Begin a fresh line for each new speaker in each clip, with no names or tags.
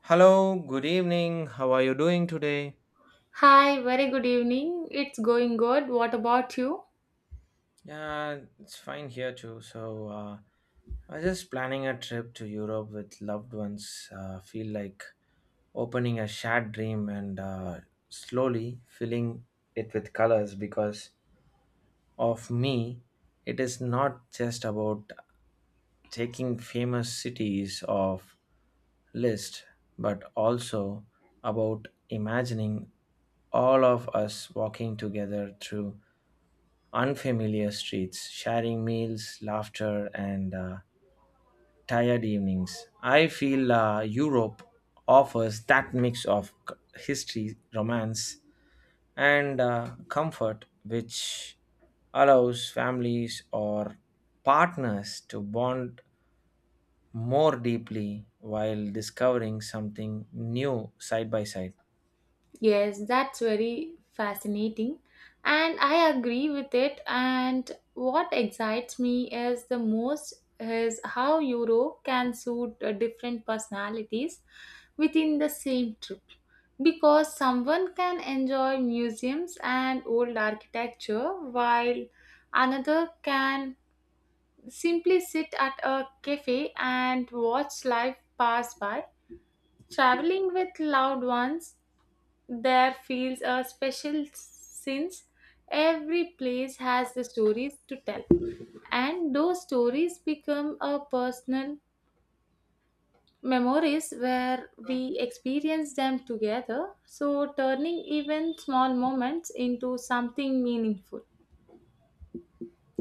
Hello, good evening. How are you doing today?
Hi, very good evening. It's going good. What about you?
Yeah, it's fine here too. I was just planning a trip to Europe with loved ones. Feel like opening a shared dream and slowly filling it with colors because of me, it is not just about taking famous cities of list but also about imagining all of us walking together through unfamiliar streets, sharing meals, laughter, and tired evenings. I feel Europe offers that mix of history, romance, and comfort, which allows families or partners to bond more deeply while discovering something new side by side.
Yes, that's very fascinating. And I agree with it. And what excites me is the most is how Europe can suit different personalities within the same trip. Because someone can enjoy museums and old architecture while another can simply sit at a cafe and watch life pass by. Traveling with loved ones there feels a special since every place has the stories to tell, and those stories become a personal memories where we experience them together, so turning even small moments into something meaningful.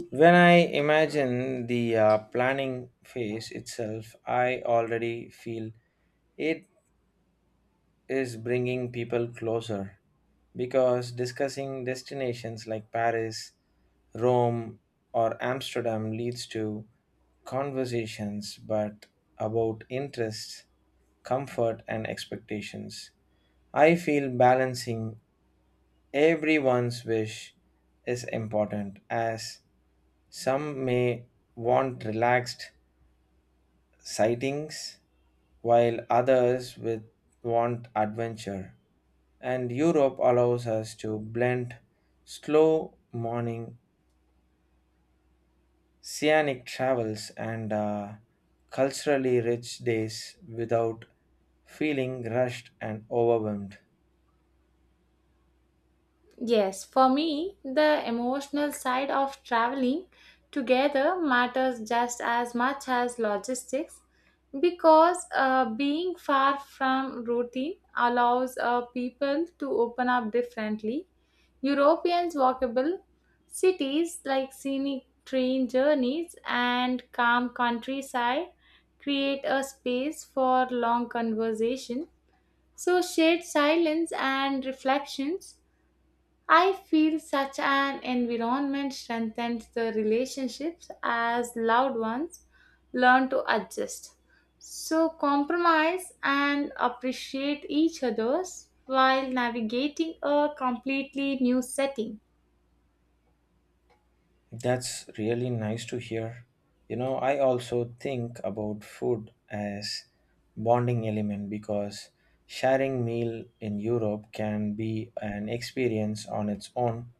When I imagine the planning phase itself, I already feel it is bringing people closer because discussing destinations like Paris, Rome, or Amsterdam leads to conversations but about interests, comfort, and expectations. I feel balancing everyone's wish is important as some may want relaxed sightings while others with want adventure. And Europe allows us to blend slow morning scenic travels and culturally rich days without feeling rushed and overwhelmed.
Yes, for me, the emotional side of traveling together matters just as much as logistics because being far from routine allows people to open up differently. Europeans' walkable cities like scenic train journeys and calm countryside create a space for long conversation. So, shared silence and reflections, I feel such an environment strengthens the relationships as loved ones learn to adjust. So, compromise and appreciate each other's while navigating a completely new setting.
That's really nice to hear. You know, I also think about food as bonding element because sharing meal in Europe can be an experience on its own,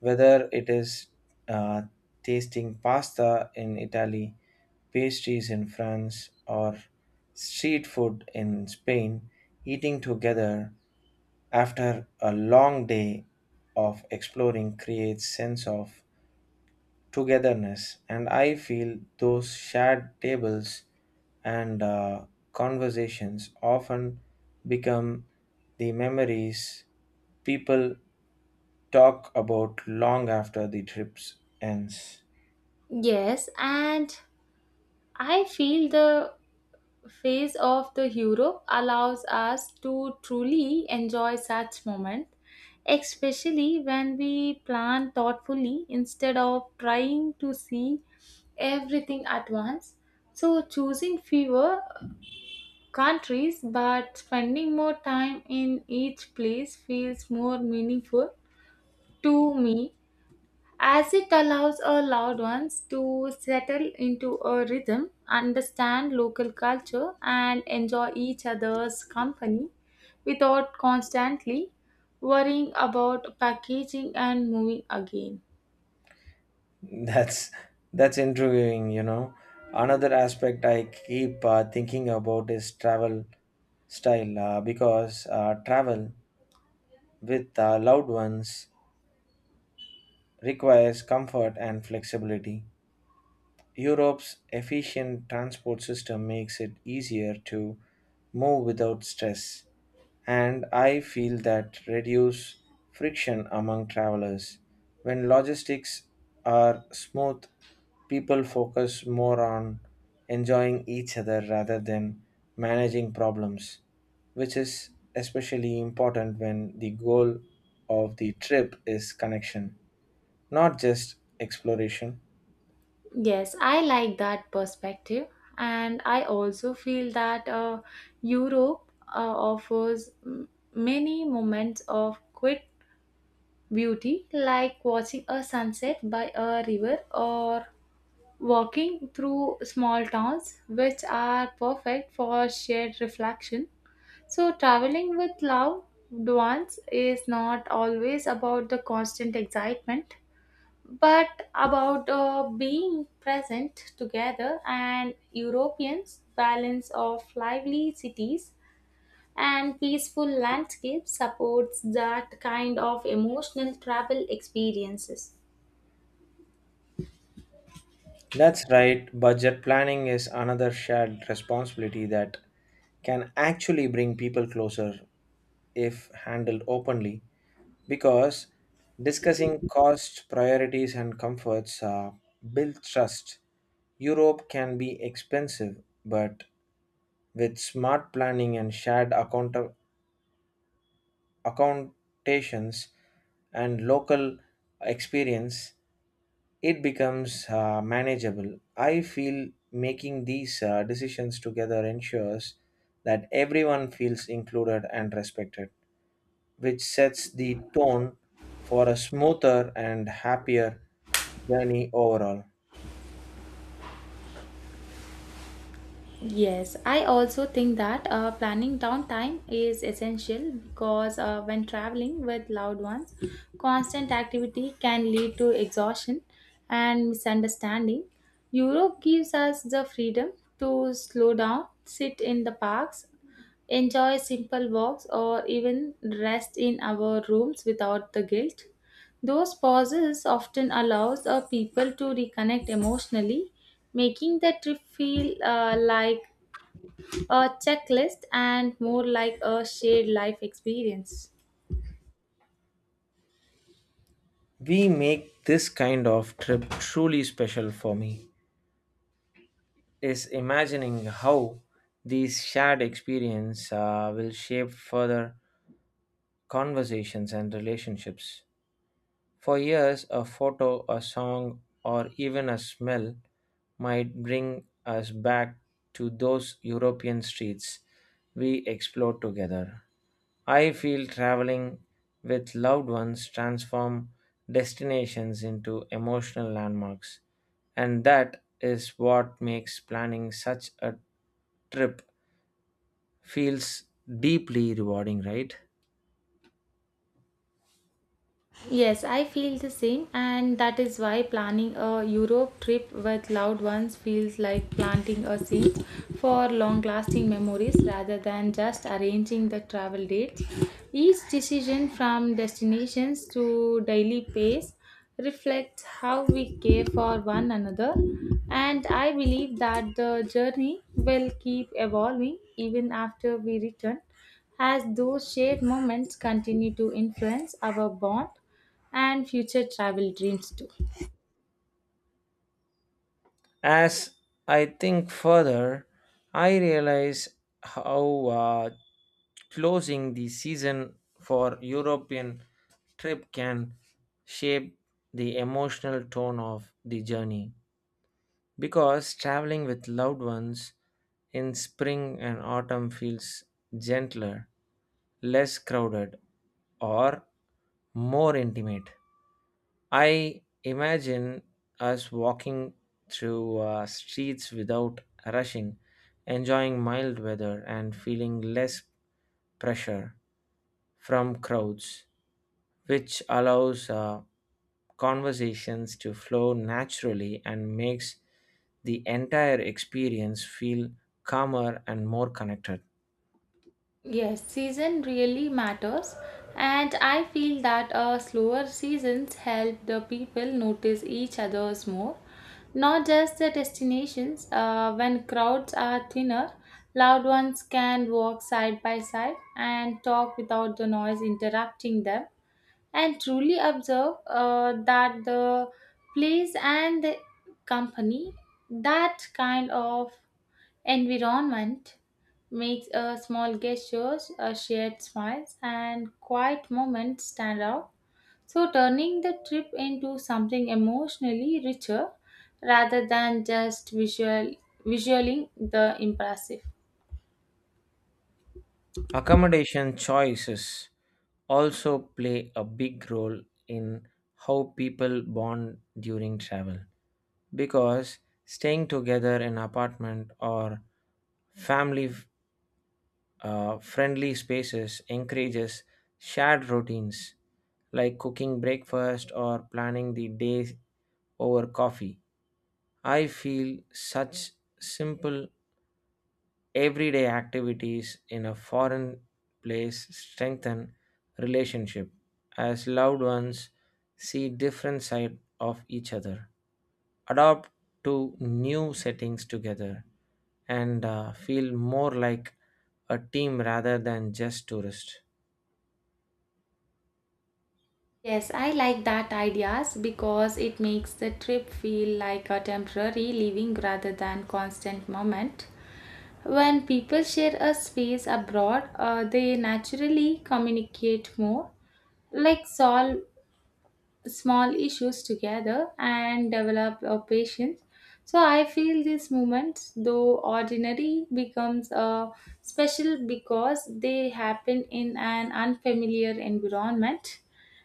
whether it is uh, tasting pasta in Italy, pastries in France, or street food in Spain, eating together after a long day of exploring creates sense of togetherness. And I feel those shared tables and conversations often become the memories people talk about long after the trips ends.
Yes, and I feel the phase of the Europe allows us to truly enjoy such moments, especially when we plan thoughtfully instead of trying to see everything at once. So, choosing fewer countries but spending more time in each place feels more meaningful to me as it allows our loved ones to settle into a rhythm, understand local culture, and enjoy each other's company without constantly worrying about packaging and moving again.
That's that's intriguing, you know. Another aspect I keep thinking about is travel style because travel with loved ones requires comfort and flexibility. Europe's efficient transport system makes it easier to move without stress, and I feel that reduce friction among travelers. When logistics are smooth, people focus more on enjoying each other rather than managing problems, which is especially important when the goal of the trip is connection, not just exploration.
Yes, I like that perspective, and I also feel that Europe offers many moments of quick beauty, like watching a sunset by a river or walking through small towns which are perfect for shared reflection. So, traveling with loved ones is not always about the constant excitement, but about being present together, and Europeans' balance of lively cities and peaceful landscapes supports that kind of emotional travel experiences.
That's right, budget planning is another shared responsibility that can actually bring people closer if handled openly because discussing costs, priorities, and comforts build trust. Europe can be expensive, but with smart planning and shared accountations and local experience, it becomes manageable. I feel making these decisions together ensures that everyone feels included and respected, which sets the tone for a smoother and happier journey overall.
Yes, I also think that planning downtime is essential because when traveling with loved ones, constant activity can lead to exhaustion and misunderstanding. Europe gives us the freedom to slow down, sit in the parks, enjoy simple walks, or even rest in our rooms without the guilt. Those pauses often allows people to reconnect emotionally, making the trip feel like a checklist and more like a shared life experience.
We make this kind of trip truly special for me is imagining how these shared experience will shape further conversations and relationships. For years, a photo, a song, or even a smell might bring us back to those European streets we explored together. I feel traveling with loved ones transform destinations into emotional landmarks, and that is what makes planning such a trip feels deeply rewarding, right?
Yes, I feel the same, and that is why planning a Europe trip with loved ones feels like planting a seed for long lasting memories rather than just arranging the travel dates. Each decision from destinations to daily pace reflects how we care for one another, and I believe that the journey will keep evolving even after we return, as those shared moments continue to influence our bond and future travel dreams too.
As I think further, I realize how closing the season for European trip can shape the emotional tone of the journey. Because traveling with loved ones in spring and autumn feels gentler, less crowded, or more intimate. I imagine us walking through streets without rushing, enjoying mild weather and feeling less pressure from crowds which allows conversations to flow naturally and makes the entire experience feel calmer and more connected.
Yes, season really matters, and I feel that slower seasons help the people notice each other's more, not just the destinations. When crowds are thinner, loud ones can walk side by side and talk without the noise interrupting them, and truly observe that the place and the company. That kind of environment makes a small gestures, a shared smiles, and quiet moments stand out. So turning the trip into something emotionally richer rather than just visual visualing the impressive.
Accommodation choices also play a big role in how people bond during travel because staying together in apartment or family friendly spaces encourages shared routines like cooking breakfast or planning the day over coffee. I feel such simple everyday activities in a foreign place strengthen relationship as loved ones see different side of each other, adapt to new settings together, and feel more like a team rather than just tourists.
Yes, I like that ideas because it makes the trip feel like a temporary living rather than constant moment. When people share a space abroad, they naturally communicate more, like solve small issues together and develop a patience, so I feel these moments though ordinary becomes a special because they happen in an unfamiliar environment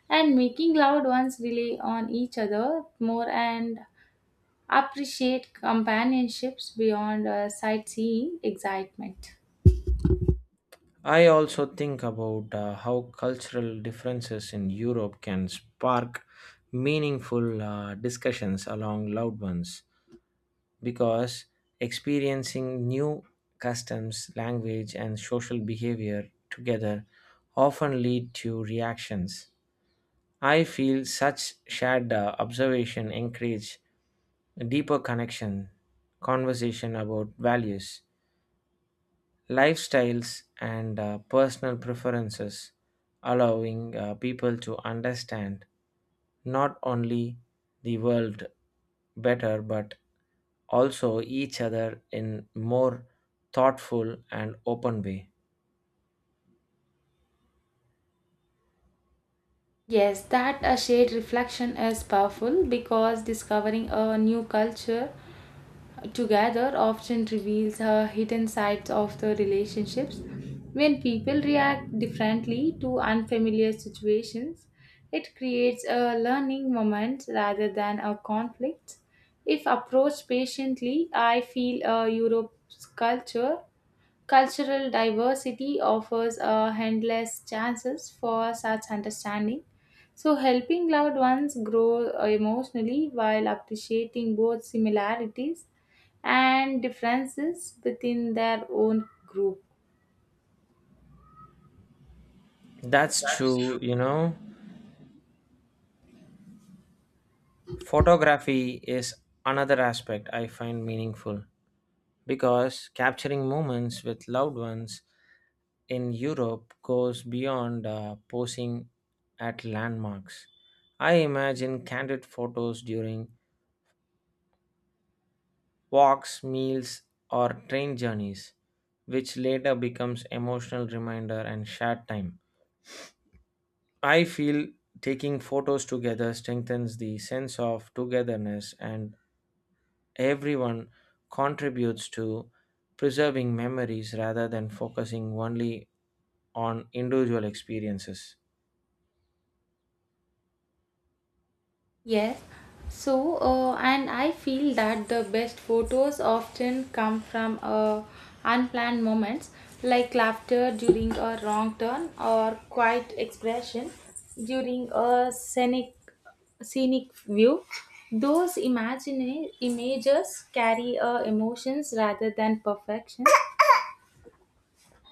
and making loved ones rely on each other more and appreciate companionships beyond sightseeing excitement.
I also think about how cultural differences in Europe can spark meaningful discussions along loud ones because experiencing new customs, language, and social behavior together often lead to reactions. I feel such shared observation encourage deeper connection, conversation about values, lifestyles, and personal preferences, allowing people to understand not only the world better but also each other in more thoughtful and open way.
Yes, that a shade reflection is powerful because discovering a new culture together often reveals her hidden sides of the relationships. When people react differently to unfamiliar situations, it creates a learning moment rather than a conflict. If approached patiently, I feel a Europe's culture cultural diversity offers a endless chances for such understanding. So helping loved ones grow emotionally while appreciating both similarities and differences within their own group.
That's true, you know, photography is another aspect I find meaningful because capturing moments with loved ones in Europe goes beyond posing at landmarks. I imagine candid photos during walks, meals, or train journeys, which later becomes emotional reminder and shared time. I feel taking photos together strengthens the sense of togetherness and everyone contributes to preserving memories rather than focusing only on individual experiences.
Yes. So, and I feel that the best photos often come from unplanned moments like laughter during a wrong turn or quiet expression during a scenic view. Those imagine images carry emotions rather than perfection.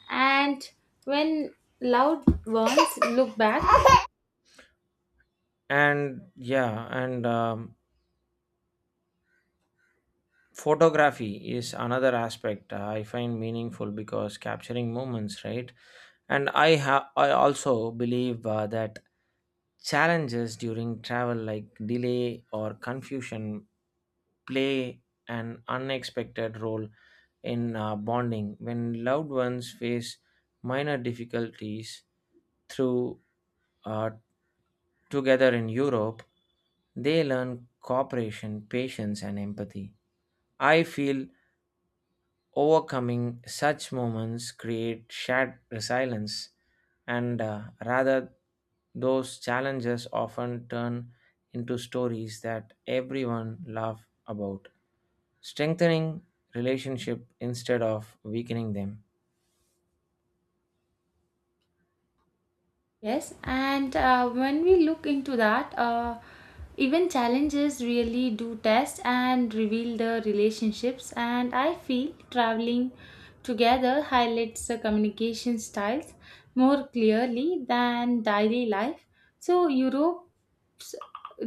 And when loved ones look back,
And photography is another aspect I find meaningful because capturing moments right and I also believe that challenges during travel like delay or confusion play an unexpected role in bonding when loved ones face minor difficulties through uh, together in Europe, they learn cooperation, patience, and empathy. I feel overcoming such moments create shared resilience, and rather, those challenges often turn into stories that everyone love about, strengthening relationship instead of weakening them.
yes, and when we look into that, even challenges really do test and reveal the relationships. And I feel traveling together highlights the communication styles more clearly than daily life. So, Europe's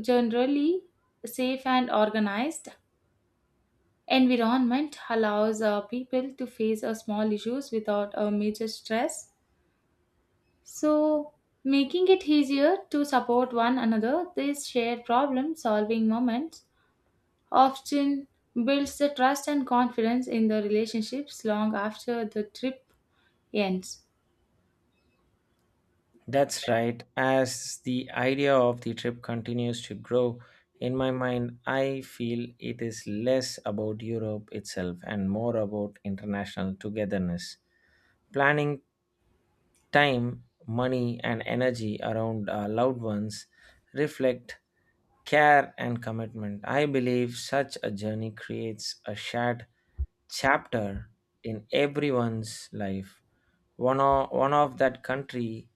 generally safe and organized environment allows people to face small issues without a major stress, so making it easier to support one another, these shared problem solving moments often builds the trust and confidence in the relationships long after the trip ends.
That's right. As the idea of the trip continues to grow, in my mind, I feel it is less about Europe itself and more about international togetherness. Planning time, money, and energy around our loved ones reflect care and commitment. I believe such a journey creates a shared chapter in everyone's life. One of that country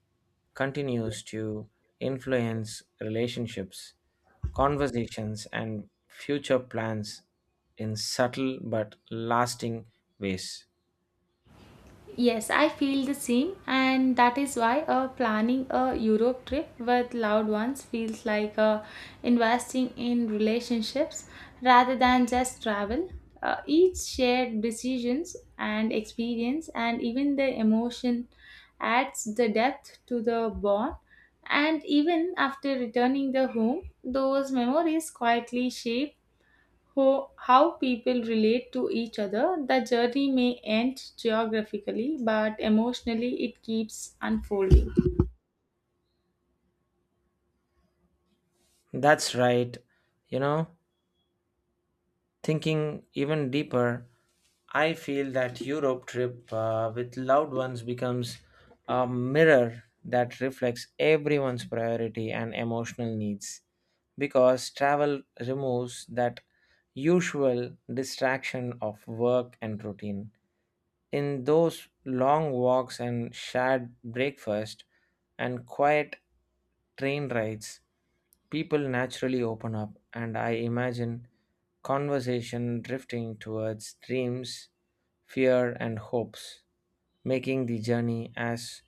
continues to influence relationships, conversations, and future plans in subtle but lasting ways.
Yes, I feel the same, and that is why planning a Europe trip with loved ones feels like investing in relationships rather than just travel. Each shared decisions and experience, and even the emotion, adds the depth to the bond. And even after returning the home, those memories quietly shape how people relate to each other. The journey may end geographically, but emotionally it keeps unfolding.
That's right. You know, thinking even deeper, I feel that Europe trip with loved ones becomes a mirror that reflects everyone's priority and emotional needs because travel removes that usual distraction of work and routine in those long walks and shared breakfast and quiet train rides, people naturally open up, and I imagine conversation drifting towards dreams, fear, and hopes, making the journey as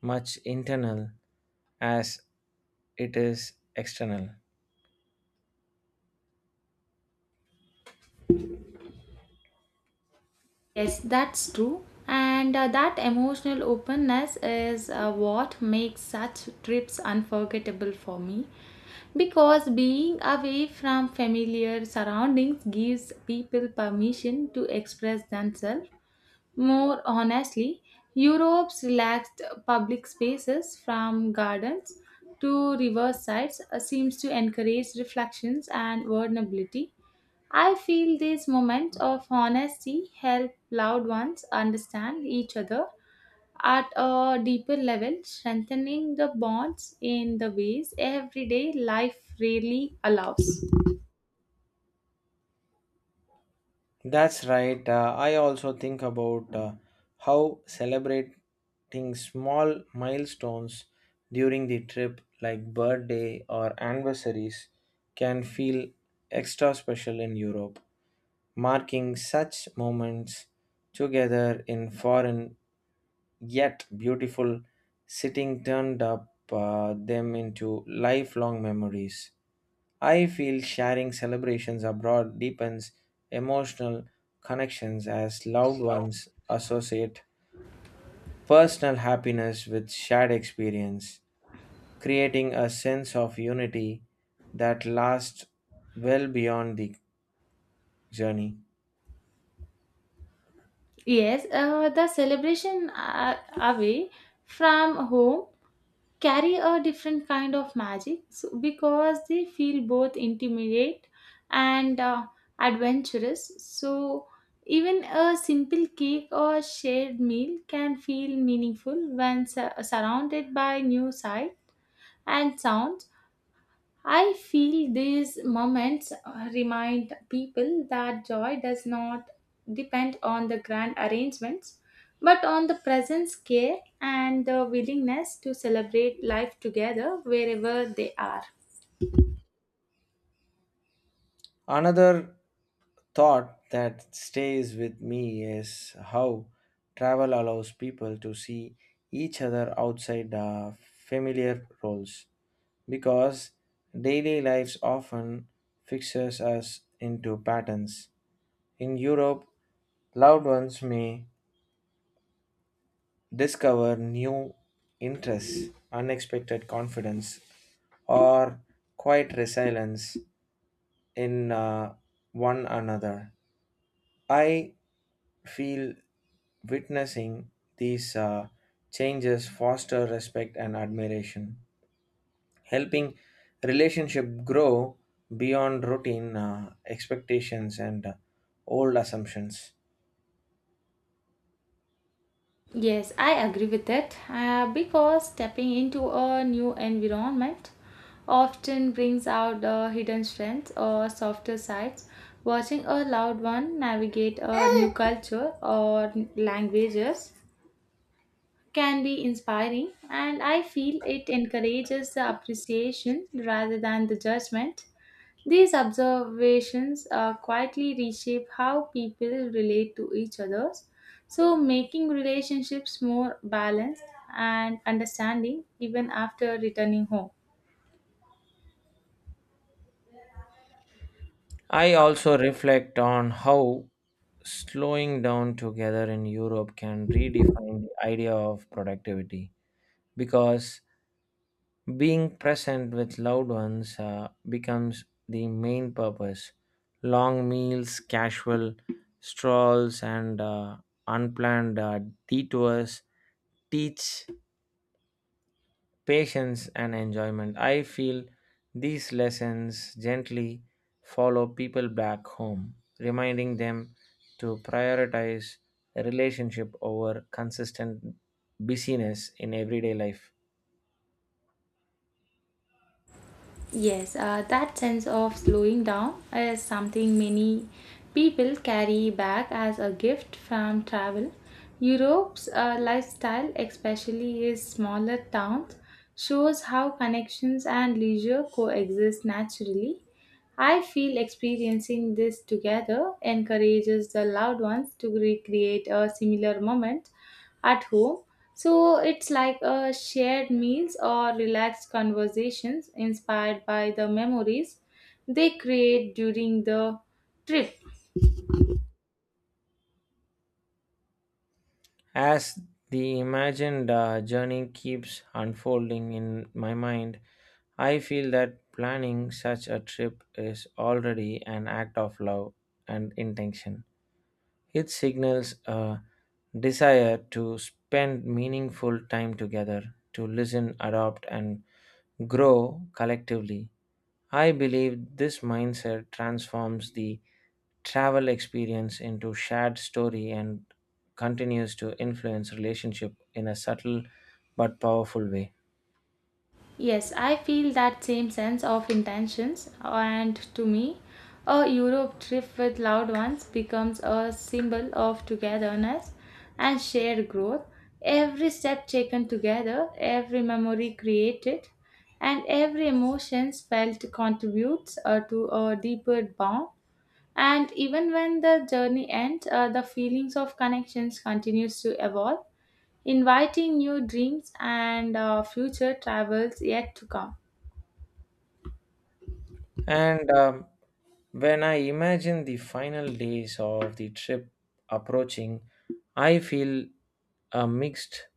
much internal as it is external.
Yes, that's true. And that emotional openness is what makes such trips unforgettable for me because being away from familiar surroundings gives people permission to express themselves more honestly. Europe's relaxed public spaces, from gardens to riversides, seems to encourage reflections and vulnerability. I feel these moments of honesty help loved ones understand each other at a deeper level, strengthening the bonds in the ways everyday life rarely allows.
That's right. I also think about how celebrating small milestones during the trip, like birthday or anniversaries, can feel extra special in Europe. Marking such moments together in foreign yet beautiful sitting turned up them into lifelong memories. I feel sharing celebrations abroad deepens emotional connections as loved ones associate personal happiness with shared experience, creating a sense of unity that lasts well beyond the journey.
Yes, the celebration away from home carry a different kind of magic because they feel both intimidate and adventurous, so even a simple cake or shared meal can feel meaningful when surrounded by new sights and sounds. I feel these moments remind people that joy does not depend on the grand arrangements, but on the presence, care, and the willingness to celebrate life together wherever they are.
Another thought that stays with me is how travel allows people to see each other outside the familiar roles because daily lives often fixes us into patterns in Europe. Loved ones may discover new interests, unexpected confidence, or quiet resilience in one another. I feel witnessing these changes foster respect and admiration, helping relationship grow beyond routine expectations and old assumptions.
Yes, I agree with it because stepping into a new environment often brings out the hidden strengths or softer sides. Watching a loved one navigate a new culture or languages can be inspiring, and I feel it encourages the appreciation rather than the judgment. These observations quietly reshape how people relate to each other, so making relationships more balanced and understanding even after returning home.
I also reflect on how slowing down together in Europe can redefine the idea of productivity because being present with loved ones becomes the main purpose. Long meals, casual strolls, and unplanned detours teach patience and enjoyment. I feel these lessons gently follow people back home, reminding them to prioritize relationship over consistent busyness in everyday life.
Yes, that sense of slowing down is something many people carry back as a gift from travel. Europe's lifestyle, especially its smaller towns, shows how connections and leisure coexist naturally. I feel experiencing this together encourages the loved ones to recreate a similar moment at home. So it's like a shared meals or relaxed conversations inspired by the memories they create during the trip.
As the imagined journey keeps unfolding in my mind, I feel that planning such a trip is already an act of love and intention. It signals a desire to spend meaningful time together, to listen, adopt, and grow collectively. I believe this mindset transforms the travel experience into shared story and continues to influence relationship in a subtle but powerful way.
Yes, I feel that same sense of intentions, and to me, a Europe trip with loved ones becomes a symbol of togetherness and shared growth. Every step taken together, every memory created, and every emotion felt contributes to a deeper bond. And even when the journey ends, the feelings of connections continues to evolve, inviting new dreams and future travels yet to come.
And when I imagine the final days of the trip approaching, I feel a mixed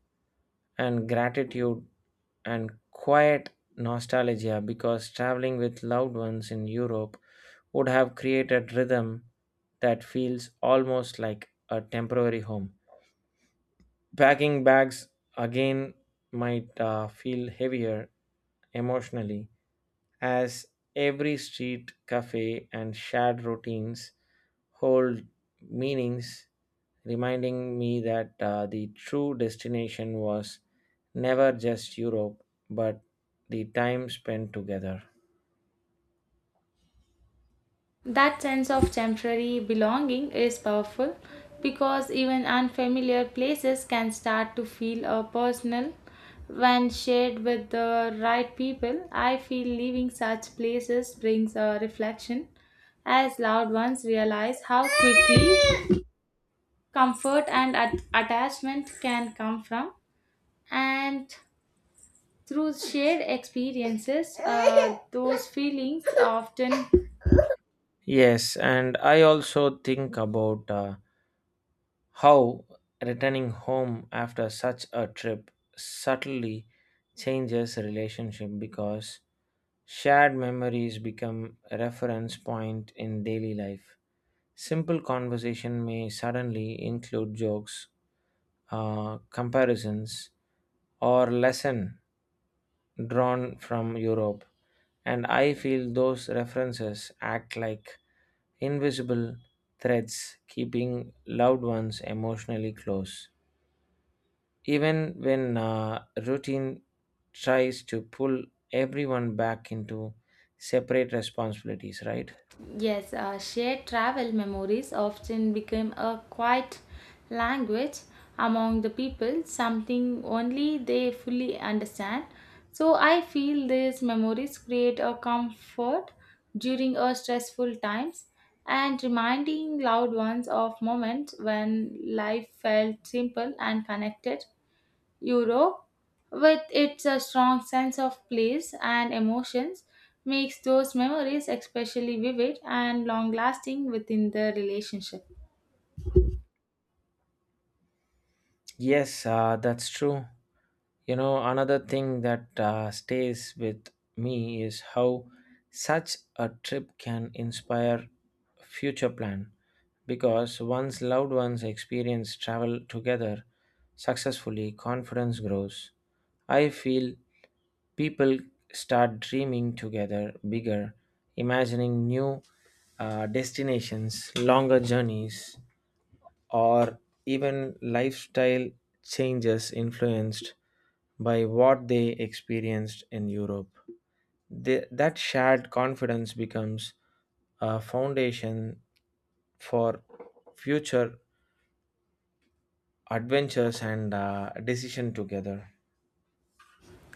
and gratitude and quiet nostalgia because traveling with loved ones in Europe would have created rhythm that feels almost like a temporary home. Packing bags again might feel heavier emotionally as every street, cafe, and shared routines hold meanings, reminding me that the true destination was never just Europe but the time spent together.
That sense of temporary belonging is powerful because even unfamiliar places can start to feel personal when shared with the right people. I feel leaving such places brings a reflection as loved ones realize how quickly comfort and attachment can come from and through shared experiences, those feelings often,
Yes, and I also think about. How returning home after such a trip subtly changes a relationship because shared memories become a reference point in daily life. Simple conversation may suddenly include jokes, comparisons, or lesson drawn from Europe, and I feel those references act like invisible threads keeping loved ones emotionally close even when routine tries to pull everyone back into separate responsibilities, right?
yes, shared travel memories often become a quiet language among the people, something only they fully understand. So I feel these memories create a comfort during our stressful times and reminding loved ones of moments when life felt simple and connected. Europe, with its strong sense of place and emotions, makes those memories especially vivid and long lasting within the relationship.
Yes, that's true. You know, another thing that stays with me is how such a trip can inspire future plan because once loved ones experience travel together successfully confidence grows. I feel people start dreaming together bigger, imagining new destinations, longer journeys, or even lifestyle changes influenced by what they experienced in Europe. That shared confidence becomes a foundation for future adventures and decision together.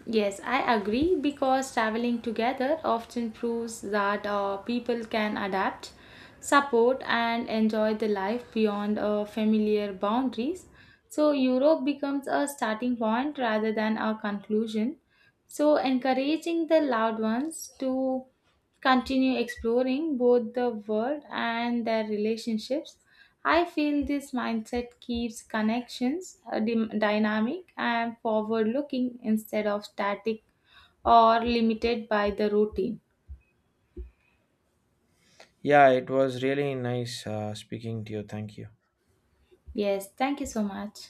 Yes, I agree because traveling together often proves that people can adapt, support, and enjoy the life beyond familiar boundaries. So, Europe becomes a starting point rather than a conclusion, so encouraging the loved ones to continue exploring both the world and their relationships. I feel this mindset keeps connections dynamic and forward looking instead of static or limited by the routine.
Yeah, it was really nice speaking to you. Thank you.
Yes, thank you so much.